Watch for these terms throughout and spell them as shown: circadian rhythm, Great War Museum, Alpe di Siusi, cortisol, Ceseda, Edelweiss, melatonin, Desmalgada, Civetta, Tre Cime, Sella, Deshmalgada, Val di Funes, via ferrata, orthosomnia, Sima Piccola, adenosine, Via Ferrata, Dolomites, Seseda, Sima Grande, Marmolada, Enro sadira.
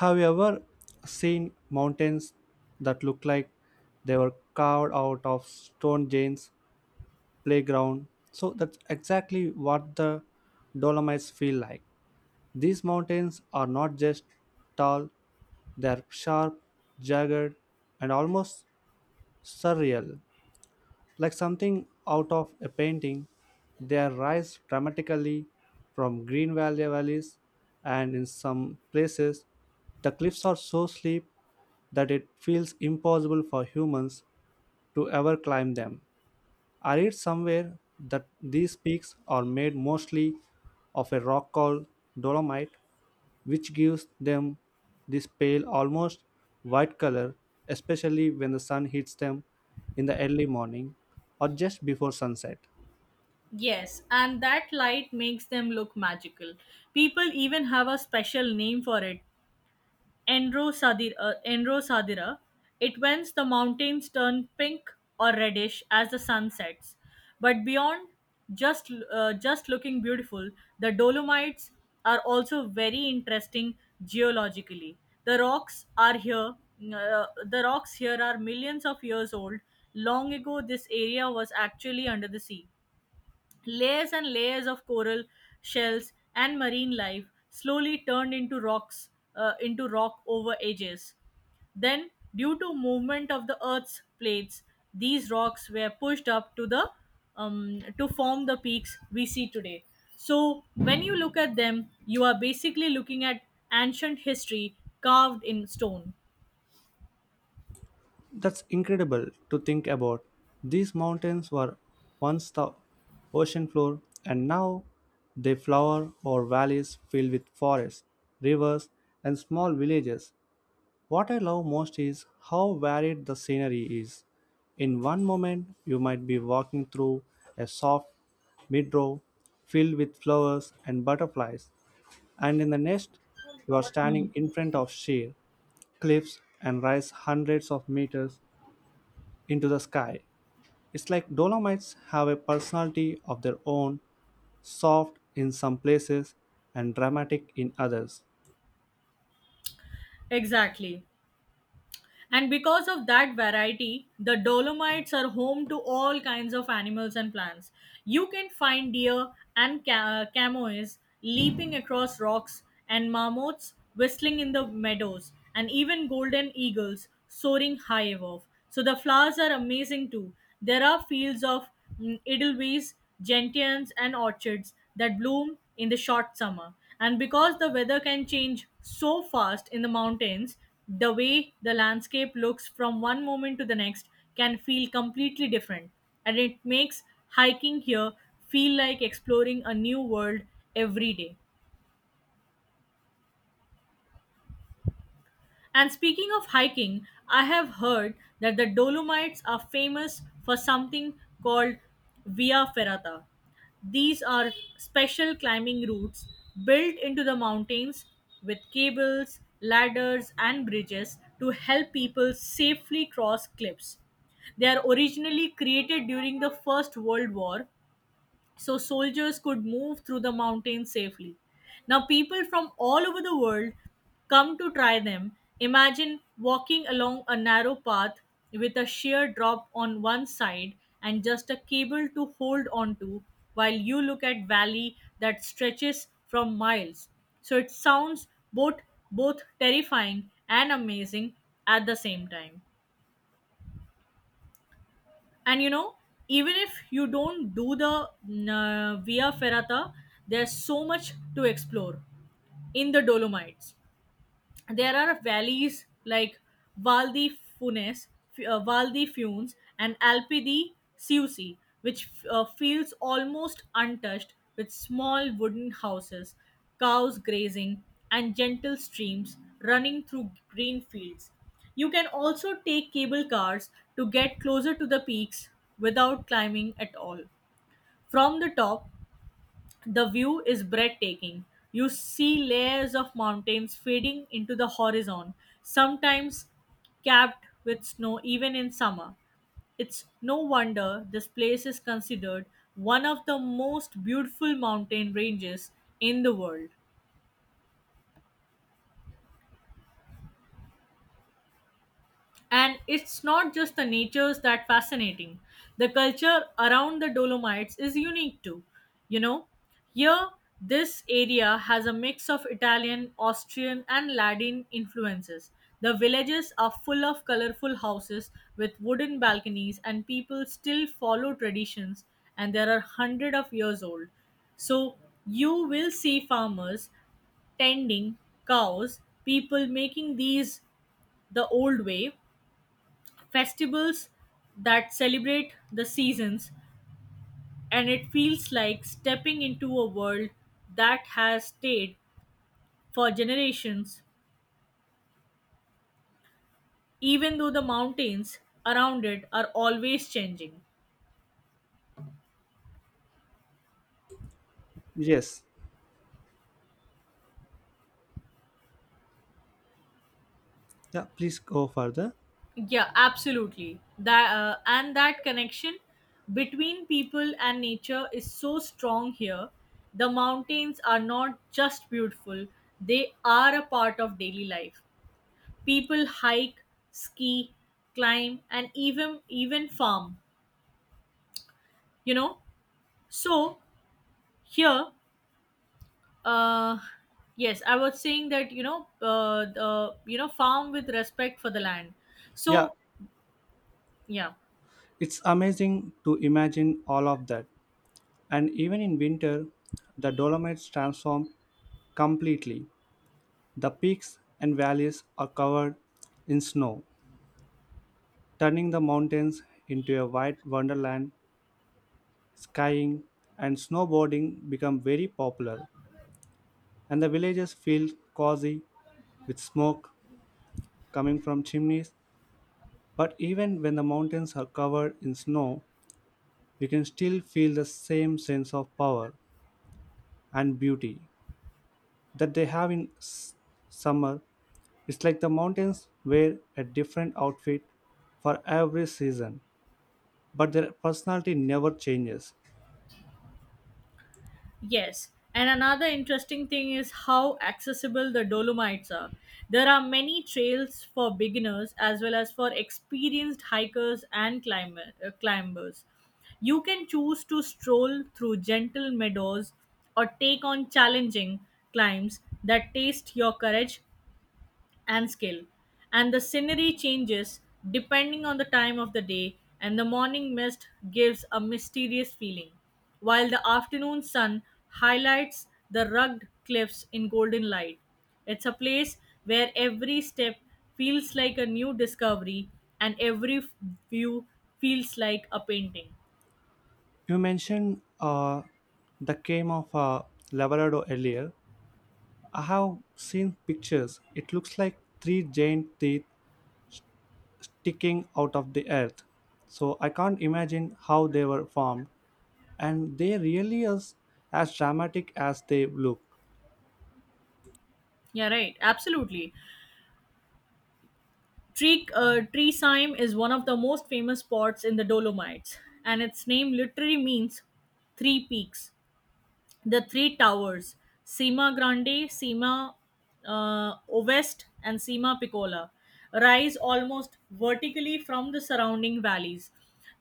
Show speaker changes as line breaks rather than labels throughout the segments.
Have you ever seen mountains that look like they were carved out of Stone Jane's playground? So that's exactly what the Dolomites feel like. These mountains are not just tall, they are sharp, jagged, and almost surreal, like something out of a painting. They rise dramatically from green valleys, and in some places, the cliffs are so steep that it feels impossible for humans to ever climb them. I read somewhere that these peaks are made mostly of a rock called dolomite, which gives them this pale, almost white color, especially when the sun hits them in the early morning or just before sunset.
Yes, and that light makes them look magical. People even have a special name for it, Enro sadira. Enro sadira. It whens the mountains turn pink or reddish as the sun sets. But beyond just looking beautiful, the Dolomites are also very interesting geologically. The rocks are here. The rocks here are millions of years old. Long ago, this area was actually under the sea. Layers and layers of coral, shells, and marine life slowly turned into rock over ages. Then, due to movement of the Earth's plates, these rocks were pushed up to the to form the peaks we see today. So, when you look at them, you are basically looking at ancient history carved in stone.
That's incredible to think about. These mountains were once the ocean floor, and now they flower or valleys filled with forests, rivers, and small villages. What I love most is how varied the scenery is. In one moment, you might be walking through a soft meadow filled with flowers and butterflies, and in the next, you are
Hmm.
standing in front of sheer cliffs and rise hundreds of meters into the sky. It's like Dolomites have a personality of their own, soft in some places and dramatic in others.
Exactly. And because of that variety, the Dolomites are home to all kinds of animals and plants. You can find deer and camoes leaping across rocks, and marmots whistling in the meadows, and even golden eagles soaring high above. So the flowers are amazing too. There are fields of Edelweiss, gentians, and orchards that bloom in the short summer. And because the weather can change so fast in the mountains, the way the landscape looks from one moment to the next can feel completely different. And it makes hiking here feel like exploring a new world every day. And speaking of hiking, I have heard that the Dolomites are famous for something called Via Ferrata. These are special climbing routes built into the mountains with cables, ladders, and bridges to help people safely cross cliffs. They are originally created during the First World War so soldiers could move through the mountains safely. Now, people from all over the world come to try them. Imagine walking along a narrow path with a sheer drop on one side and just a cable to hold onto while you look at valley that stretches from miles. So it sounds both both terrifying and amazing at the same time and you know even if you don't do the via ferrata there's so much to explore in the dolomites there are valleys like Val di Funes, Val di Funes, and Alpe di Siusi, which feels almost untouched with small wooden houses, cows grazing, and gentle streams running through green fields. You can also take cable cars to get closer to the peaks without climbing at all. From the top, the view is breathtaking. You see layers of mountains fading into the horizon, sometimes capped with snow even in summer. It's no wonder this place is considered one of the most beautiful mountain ranges in the world. And it's not just the natures that fascinating. The culture around the Dolomites is unique too. You know, here this area has a mix of Italian, Austrian, and Latin influences. The villages are full of colorful houses with wooden balconies, and people still follow traditions, and there are hundred of years old. So you will see farmers tending cows, people making these the old way, festivals that celebrate the seasons, and it feels like stepping into a world that has stayed for generations, even though the mountains around it are always changing.
Yes. Yeah, please go further.
Yeah, absolutely. That and that connection between people and nature is so strong here. The mountains are not just beautiful; they are a part of daily life. People hike, ski, climb, and even farm. You know, so here, uh, yes, I was saying that farm with respect for the land.
Yeah,
So yeah.
it's amazing to imagine all of that. And even in winter, the Dolomites transform completely. The peaks and valleys are covered in snow, turning the mountains into a white wonderland. Skiing and snowboarding become very popular, and the villages feel cozy with smoke coming from chimneys. But even when the mountains are covered in snow, you can still feel the same sense of power and beauty that they have in summer. It's like the mountains wear a different outfit for every season, but their personality never changes.
Yes, and another interesting thing is how accessible the Dolomites are. There are many trails for beginners as well as for experienced hikers and climbers. You can choose to stroll through gentle meadows or take on challenging climbs that taste your courage and skill. And the scenery changes depending on the time of the day, and the morning mist gives a mysterious feeling, while the afternoon sun highlights the rugged cliffs in golden light. It's a place where every step feels like a new discovery and view feels like a painting.
You mentioned the came of Labrador earlier. I have seen pictures. It looks like three giant teeth sticking out of the earth. So I can't imagine how they were formed, and they really are as dramatic as they look.
Yeah, right. Absolutely. Treesheim is one of the most famous spots in the Dolomites, and its name literally means three peaks. The three towers Sima Grande, Sima Ovest, and Sima Piccola rise almost vertically from the surrounding valleys.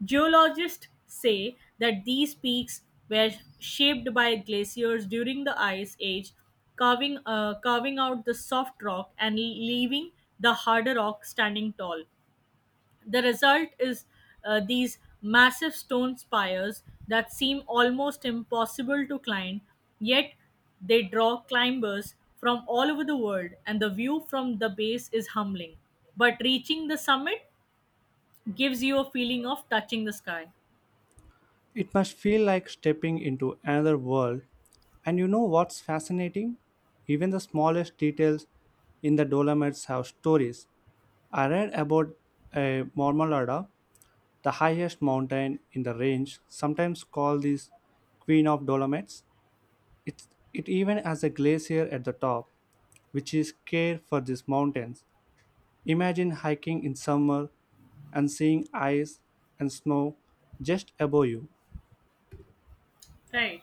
Geologists say that these peaks were shaped by glaciers during the Ice Age, carving out the soft rock and leaving the harder rock standing tall. The result is these massive stone spires that seem almost impossible to climb, yet they draw climbers from all over the world, and the view from the base is humbling. But reaching the summit gives you a feeling of touching the sky.
It must feel like stepping into another world. And you know what's fascinating? Even the smallest details in the Dolomites have stories. I read about a Marmalada, the highest mountain in the range, sometimes called this Queen of Dolomites. It even has a glacier at the top, which is care for these mountains. Imagine hiking in summer and seeing ice and snow just above you.
Right.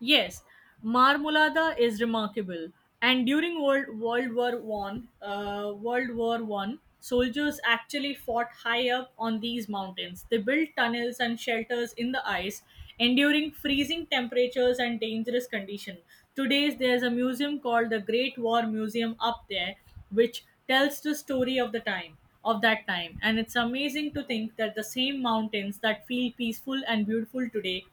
Yes, Marmolada is remarkable. And during World War One, soldiers actually fought high up on these mountains. They built tunnels and shelters in the ice, enduring freezing temperatures and dangerous conditions. Today, there's a museum called the Great War Museum up there, which tells the story of the time of that time. And it's amazing to think that the same mountains that feel peaceful and beautiful today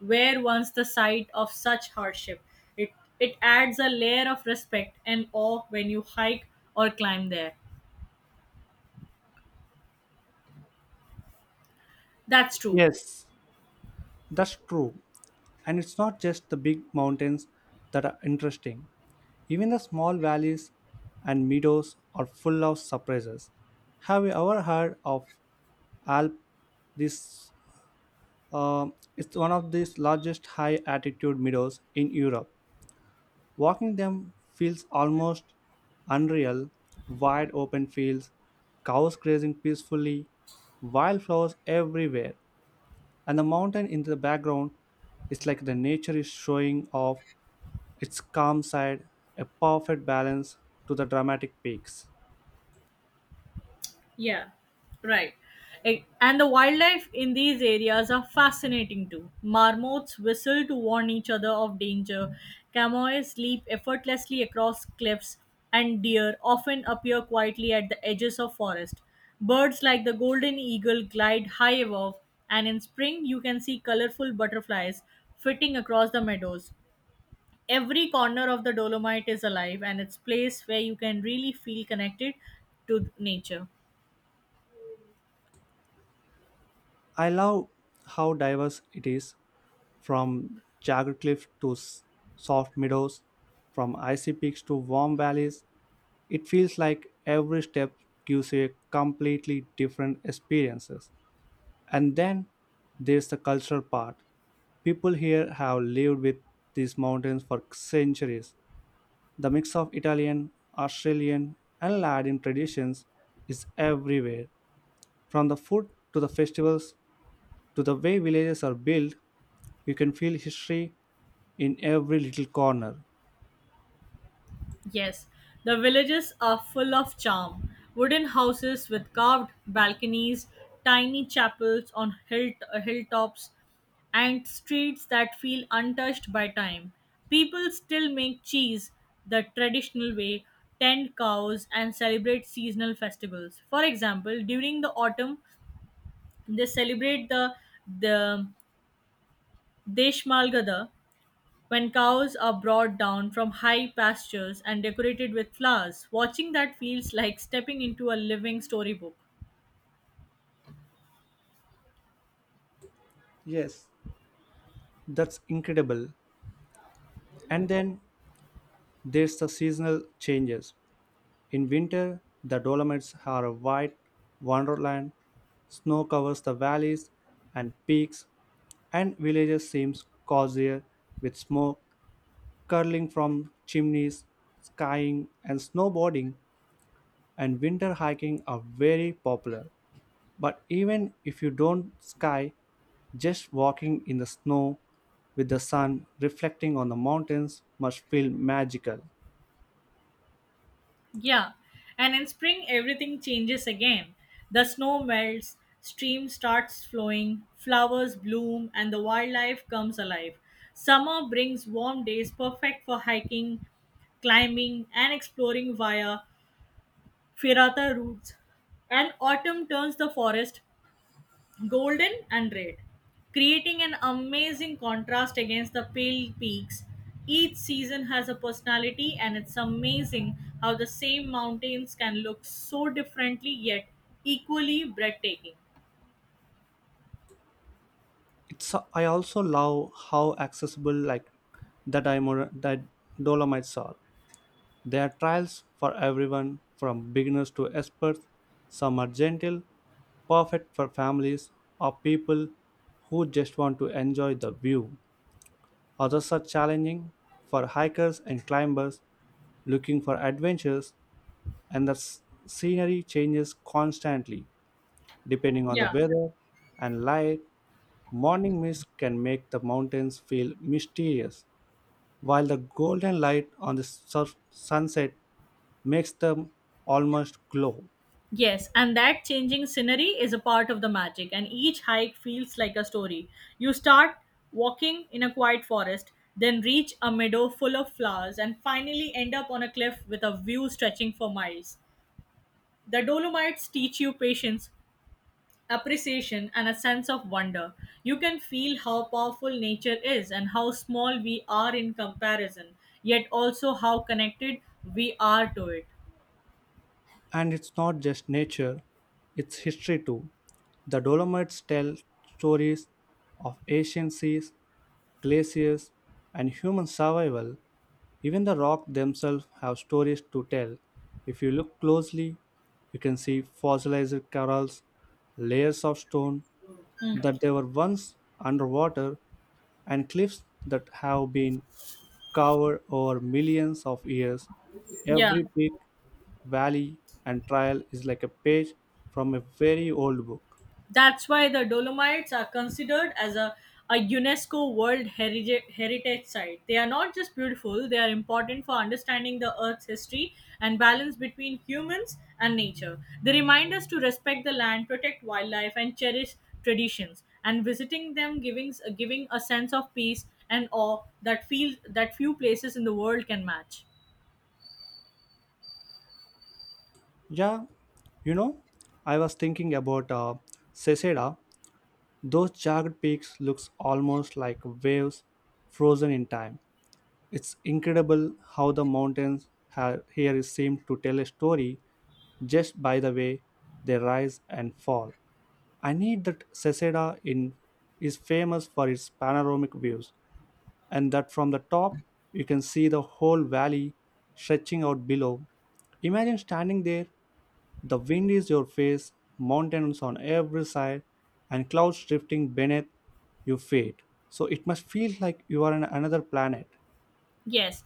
were once the site of such hardship. It, it adds a layer of respect and awe when you hike or climb there. That's true.
Yes, that's true. And it's not just the big mountains that are interesting. Even the small valleys and meadows are full of surprises. Have you ever heard of Alp? This it's one of the largest high altitude meadows in Europe. Walking them feels almost unreal. Wide open fields, cows grazing peacefully, wildflowers everywhere, and the mountain in the background, it's like the nature is showing off its calm side, a perfect balance to the dramatic peaks.
Yeah, right. And the wildlife in these areas are fascinating too. Marmots whistle to warn each other of danger, camoys leap effortlessly across cliffs, and deer often appear quietly at the edges of forest. Birds like the golden eagle glide high above, and in spring you can see colorful butterflies flitting across the meadows. Every corner of the Dolomite is alive, and it's place where you can really feel connected to nature.
I love how diverse it is, from jagged cliffs to soft meadows, from icy peaks to warm valleys. It feels like every step gives you a completely different experiences. And then there's the cultural part. People here have lived with these mountains for centuries. The mix of Italian, Australian, and Latin traditions is everywhere. From the food to the festivals to the way villages are built, you can feel history in every little corner.
Yes, the villages are full of charm. Wooden houses with carved balconies, tiny chapels on hilltops, and streets that feel untouched by time. People still make cheese the traditional way, tend cows, and celebrate seasonal festivals. For example, during the autumn, they celebrate the Deshmalgada, when cows are brought down from high pastures and decorated with flowers. Watching that feels like stepping into a living storybook.
Yes, that's incredible. And then there's the seasonal changes. In winter, the Dolomites are a white wonderland. Snow covers the valleys and peaks, and villages seem cozier with smoke curling from chimneys. Skiing and snowboarding, and winter hiking, are very popular. But even if you don't ski, just walking in the snow with the sun reflecting on the mountains must feel magical.
Yeah, and in spring, everything changes again. The snow melts, stream starts flowing, flowers bloom, and the wildlife comes alive. Summer brings warm days perfect for hiking, climbing, and exploring via ferrata routes. And autumn turns the forest golden and red, creating an amazing contrast against the pale peaks. Each season has a personality, and it's amazing how the same mountains can look so differently yet equally breathtaking.
It's, I also love how accessible like the the Dolomites are. There are trials for everyone, from beginners to experts. Some are gentle, perfect for families or people who just want to enjoy the view. Others are challenging for hikers and climbers looking for adventures, and the scenery changes constantly depending on the
Yeah.
weather and light. Morning mist can make the mountains feel mysterious, while the golden light on the sunset makes them almost glow.
Yes, and that changing scenery is a part of the magic, and each hike feels like a story. You start walking in a quiet forest, then reach a meadow full of flowers, and finally end up on a cliff with a view stretching for miles. The Dolomites teach you patience, appreciation, and a sense of wonder. You can feel how powerful nature is and how small we are in comparison, yet also how connected we are to it.
And it's not just nature, it's history too. The Dolomites tell stories of ancient seas, glaciers, and human survival. Even the rocks themselves have stories to tell. If you look closely, you can see fossilized corals, layers of stone
Mm.
that they were once underwater, and cliffs that have been covered over millions of years.
Yeah.
Every peak, valley, and trial is like a page from a very old book.
That's why the Dolomites are considered as a UNESCO World Heritage Site. They are not just beautiful, they are important for understanding the Earth's history and balance between humans and nature. They remind us to respect the land, protect wildlife, and cherish traditions. And visiting them giving a sense of peace and awe that, feels that few places in the world can match.
Yeah, you know, I was thinking about Ceseda. Those jagged peaks looks almost like waves frozen in time. It's incredible how the mountains here seem to tell a story just by the way they rise and fall. I need that Ceseda in is famous for its panoramic views, and that from the top you can see the whole valley stretching out below. Imagine standing there, the wind is your face, mountains on every side, and clouds drifting beneath your feet. So it must feel like you are on another planet.
Yes,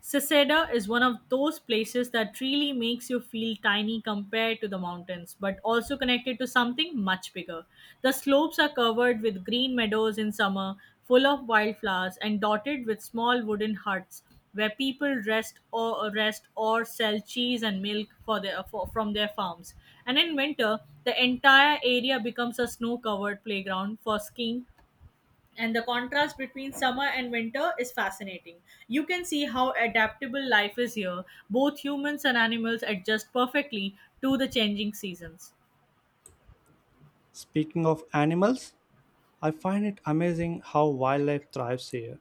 Seseda is one of those places that really makes you feel tiny compared to the mountains, but also connected to something much bigger. The slopes are covered with green meadows in summer, full of wildflowers, and dotted with small wooden huts where people rest or sell cheese and milk for from their farms. And in winter, the entire area becomes a snow-covered playground for skiing, and the contrast between summer and winter is fascinating. You can see how adaptable life is here. Both humans and animals adjust perfectly to the changing seasons.
Speaking of animals, I find it amazing how wildlife thrives here.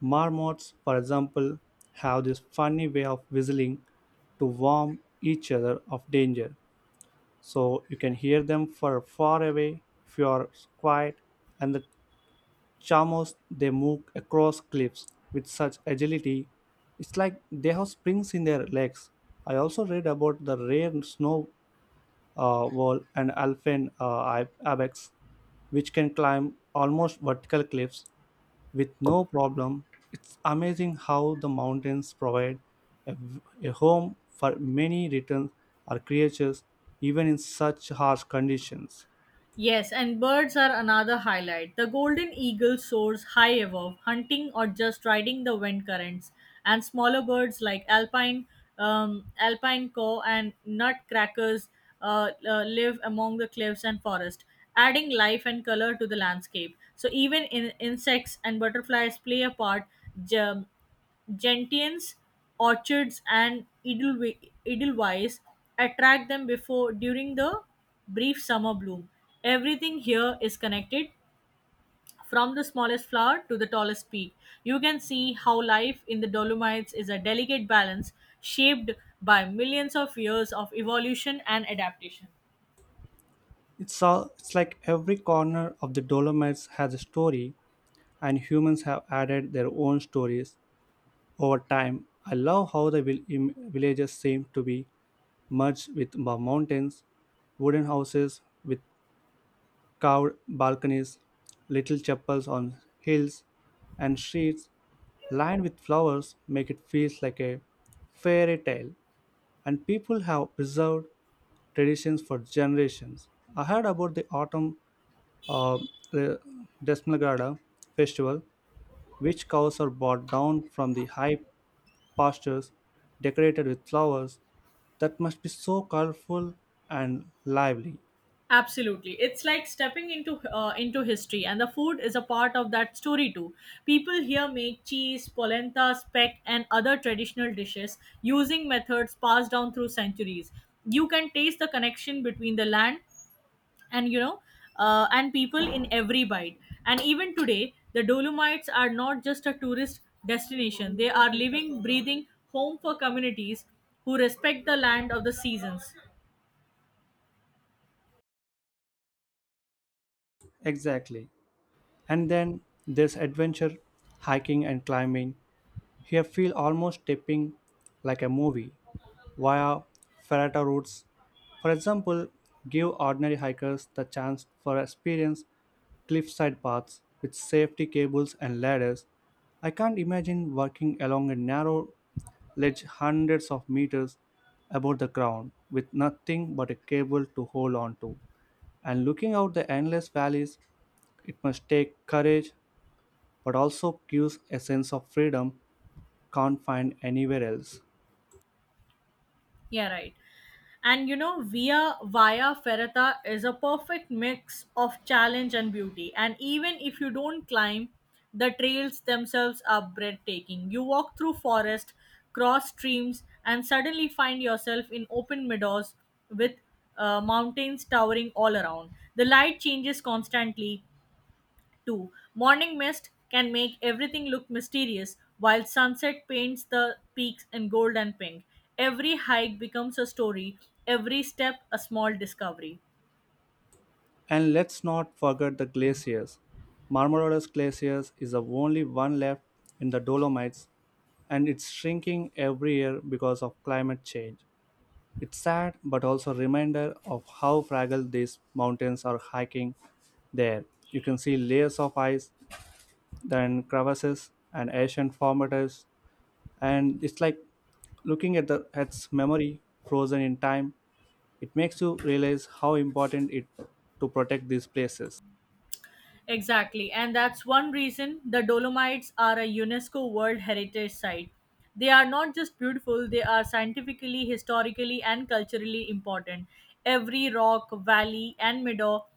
Marmots, for example, have this funny way of whistling to warn each other of danger, so you can hear them for far away if you are quiet. And the chamos, they move across cliffs with such agility, it's like they have springs in their legs. I also read about the rare snow wall and alpine ibex, which can climb almost vertical cliffs with no problem. It's amazing how the mountains provide a, a home for many returns or creatures, even in such harsh conditions.
Yes, and birds are another highlight. The golden eagle soars high above, hunting or just riding the wind currents, and smaller birds like alpine cow and nutcrackers live among the cliffs and forest, adding life and color to the landscape. So even in insects and butterflies play a part. j- gentians, orchards, and edelweiss attract them before during the brief summer bloom. Everything here is connected from the smallest flower to the tallest peak. You can see how life in the Dolomites is a delicate balance shaped by millions of years of evolution and adaptation.
It's like every corner of the Dolomites has a story, and humans have added their own stories over time. I love how the villages seem to be merged with the mountains, wooden houses with carved balconies, little chapels on hills, and streets lined with flowers make it feel like a fairy tale. And people have preserved traditions for generations. I heard about the autumn uh, the Desmalgada festival, which cows are brought down from the high pastures decorated with flowers, that must be so colorful and lively.
Absolutely, it's like stepping into history, and the food is a part of that story too. People here make cheese, polenta, speck, and other traditional dishes using methods passed down through centuries. You can taste the connection between the land and and people in every bite. And even today, the Dolomites are not just a tourist destination; they are living, breathing home for communities who respect the land of the seasons.
Exactly. And then there's adventure, hiking and climbing. Here feel almost stepping like a movie, via ferrata routes. For example, give ordinary hikers the chance for experience cliffside paths with safety cables and ladders. I can't imagine walking along a narrow ledge hundreds of meters above the ground with nothing but a cable to hold on to. And looking out the endless valleys, it must take courage but also gives a sense of freedom can't find anywhere else.
Yeah, right. Via Ferrata is a perfect mix of challenge and beauty. And even if you don't climb, the trails themselves are breathtaking. You walk through forest, cross streams, and suddenly find yourself in open meadows with mountains towering all around. The light changes constantly, 2. Morning mist can make everything look mysterious, while sunset paints the peaks in gold and pink. Every hike becomes a story, every step a small discovery.
And let's not forget the glaciers. Marmarolas glaciers is the only one left in the Dolomites, and it's shrinking every year because of climate change. It's sad, but also a reminder of how fragile these mountains are hiking there. You can see layers of ice, then crevasses and ancient formatives, and it's like looking at the at memory frozen in time. It makes you realize how important it to protect these places.
Exactly, and that's one reason the Dolomites are a UNESCO World Heritage Site. They are not just beautiful, they are scientifically, historically, and culturally important. Every rock, valley, and meadow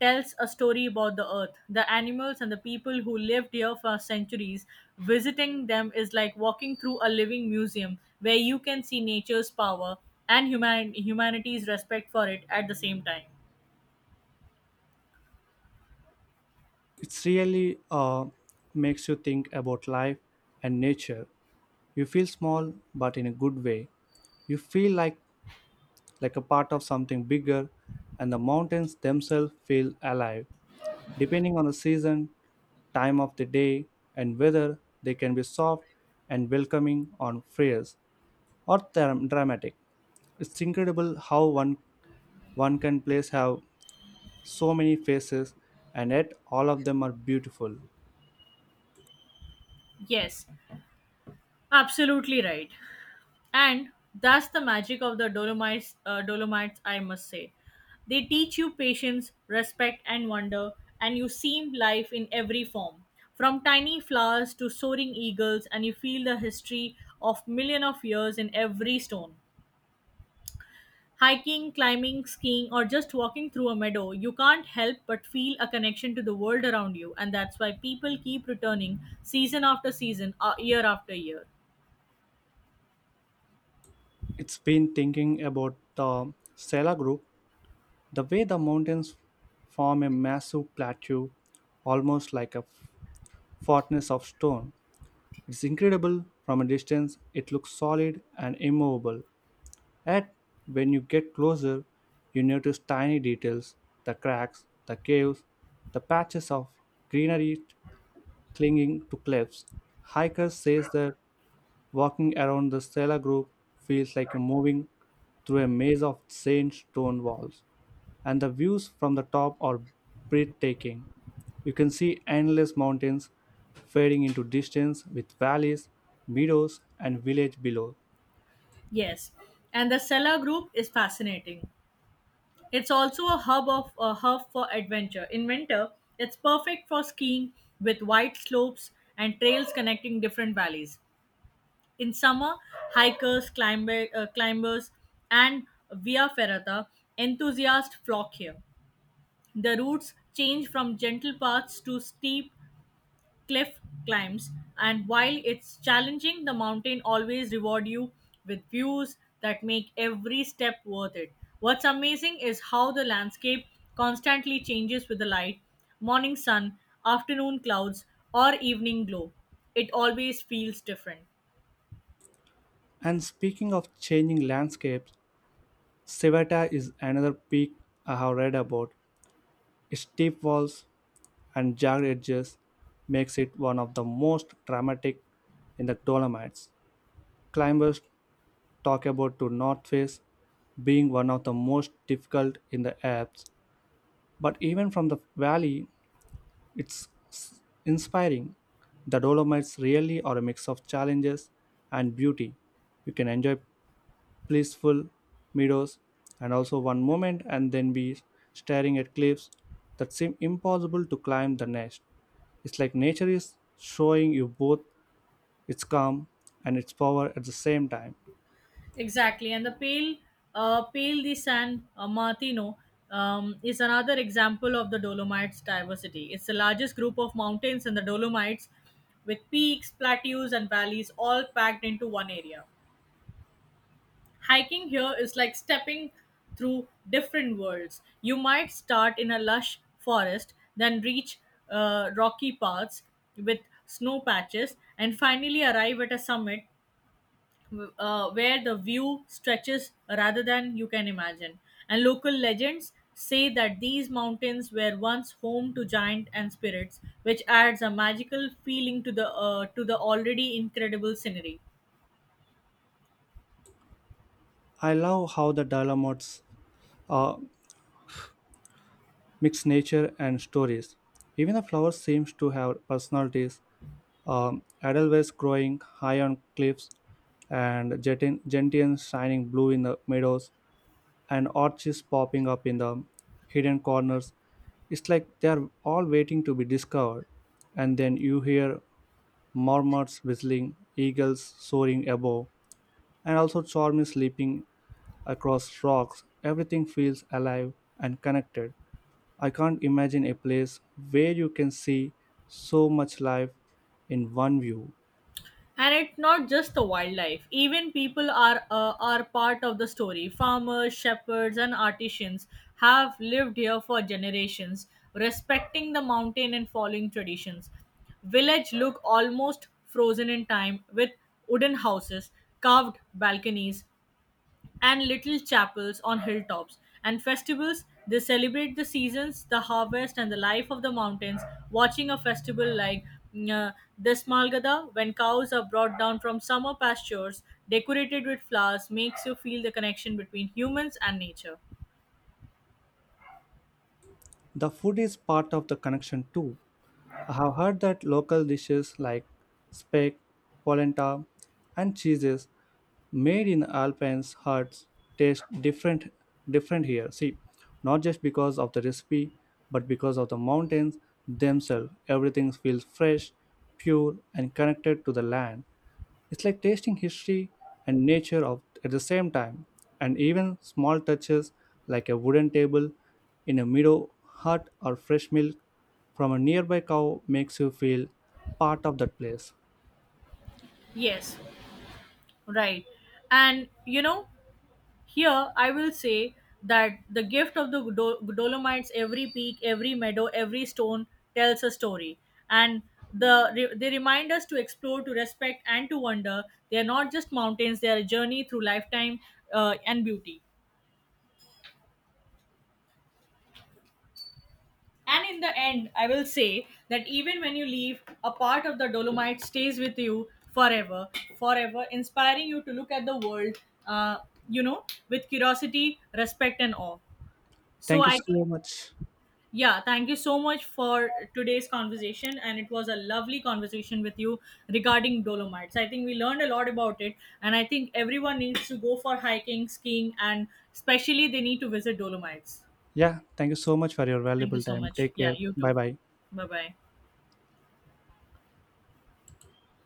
tells a story about the earth, the animals, and the people who lived here for centuries. Visiting them is like walking through a living museum where you can see nature's power and humanity's respect for it at the same time.
It really makes you think about life and nature. You feel small, but in a good way. You feel like a part of something bigger, and the mountains themselves feel alive. Depending on the season, time of the day, and weather, they can be soft and welcoming on fierce or dramatic. It's incredible how one can place have so many faces, and yet all of them are beautiful.
Yes, absolutely right. And that's the magic of the Dolomites, I must say they teach you patience, respect, and wonder, and you see life in every form, from tiny flowers to soaring eagles, and you feel the history of million of years in every stone. Hiking, climbing, skiing, or just walking through a meadow, you can't help but feel a connection to the world around you, and that's why people keep returning season after season, year after year.
It's been thinking about the Sela group, the way the mountains form a massive plateau, almost like a fortress of stone. It's incredible, from a distance, it looks solid and immovable. Yet, when you get closer, you notice tiny details, the cracks, the caves, the patches of greenery clinging to cliffs. Hikers say that walking around the cellar group feels like moving through a maze of sand stone walls, and the views from the top are breathtaking. You can see endless mountains fading into distance with valleys, meadows, and village below.
Yes, and the Sella group is fascinating. It's also a hub for adventure. In winter, it's perfect for skiing with wide slopes and trails connecting different valleys. In summer, hikers, climbers, and via ferrata enthusiasts flock here. The routes change from gentle paths to steep cliff climbs, and while it's challenging, the mountain always reward you with views that make every step worth it. What's amazing is how the landscape constantly changes with the light. Morning sun, afternoon clouds, or evening glow, it always feels different.
And speaking of changing landscapes, Civetta is another peak I have read about. Its steep walls and jagged edges makes it one of the most dramatic in the Dolomites. Climbers talk about to North Face being one of the most difficult in the Alps, but even from the valley, it's inspiring. The Dolomites really are a mix of challenges and beauty. You can enjoy peaceful meadows and also one moment and then be staring at cliffs that seem impossible to climb the next. It's like nature is showing you both its calm and its power at the same time.
Exactly, and the pale the San Martino is another example of the Dolomites' diversity. It's the largest group of mountains in the Dolomites, with peaks, plateaus, and valleys all packed into one area. Hiking here is like stepping through different worlds. You might start in a lush forest, then reach rocky paths with snow patches, and finally arrive at a summit where the view stretches rather than you can imagine. And local legends say that these mountains were once home to giant and spirits, which adds a magical feeling to the to the already incredible scenery.
I love how the Dolomites uh, mixed nature and stories. Even the flowers seems to have personalities. Edelweiss growing high on cliffs, and gentians shining blue in the meadows, and orchids popping up in the hidden corners. It's like they are all waiting to be discovered. And then you hear murmurs whistling, eagles soaring above, and also stormy leaping across rocks. Everything feels alive and connected. I can't imagine a place where you can see so much life in one view.
And it's not just the wildlife, even people are part of the story. Farmers, shepherds, and artisans have lived here for generations, respecting the mountain and following traditions. Village look almost frozen in time, with wooden houses, carved balconies, and little chapels on hilltops. And festivals, they celebrate the seasons, the harvest, and the life of the mountains. Watching a festival like mm, uh, Desmalgada, when cows are brought down from summer pastures, decorated with flowers, makes you feel the connection between humans and nature.
The food is part of the connection too. I have heard that local dishes like speck, polenta, and cheeses made in Alpine's huts taste different here. See, not just because of the recipe, but because of the mountains themselves. Everything feels fresh, pure, and connected to the land. It's like tasting history and nature of at the same time. And even small touches like a wooden table in a meadow hut or fresh milk from a nearby cow makes you feel part of that place.
Yes, right. And you know, here, I will say that the gift of the Dolomites, every peak, every meadow, every stone tells a story. And they remind us to explore, to respect, and to wonder. They are not just mountains, they are a journey through lifetime and beauty. And in the end, I will say that even when you leave, a part of the Dolomite stays with you forever, forever, inspiring you to look at the world, uh, with curiosity, respect, and awe. So
Thank you
I
so
think.
much.
Yeah, thank you so much for today's conversation. And it was a lovely conversation with you regarding Dolomites. I think we learned a lot about it. And I think everyone needs to go for hiking, skiing, and especially they need to visit Dolomites.
Yeah, thank you so much for your
Thank you
valuable
so
time.
much.
Take
Yeah,
care.
you
Bye
too.
bye.
Bye bye.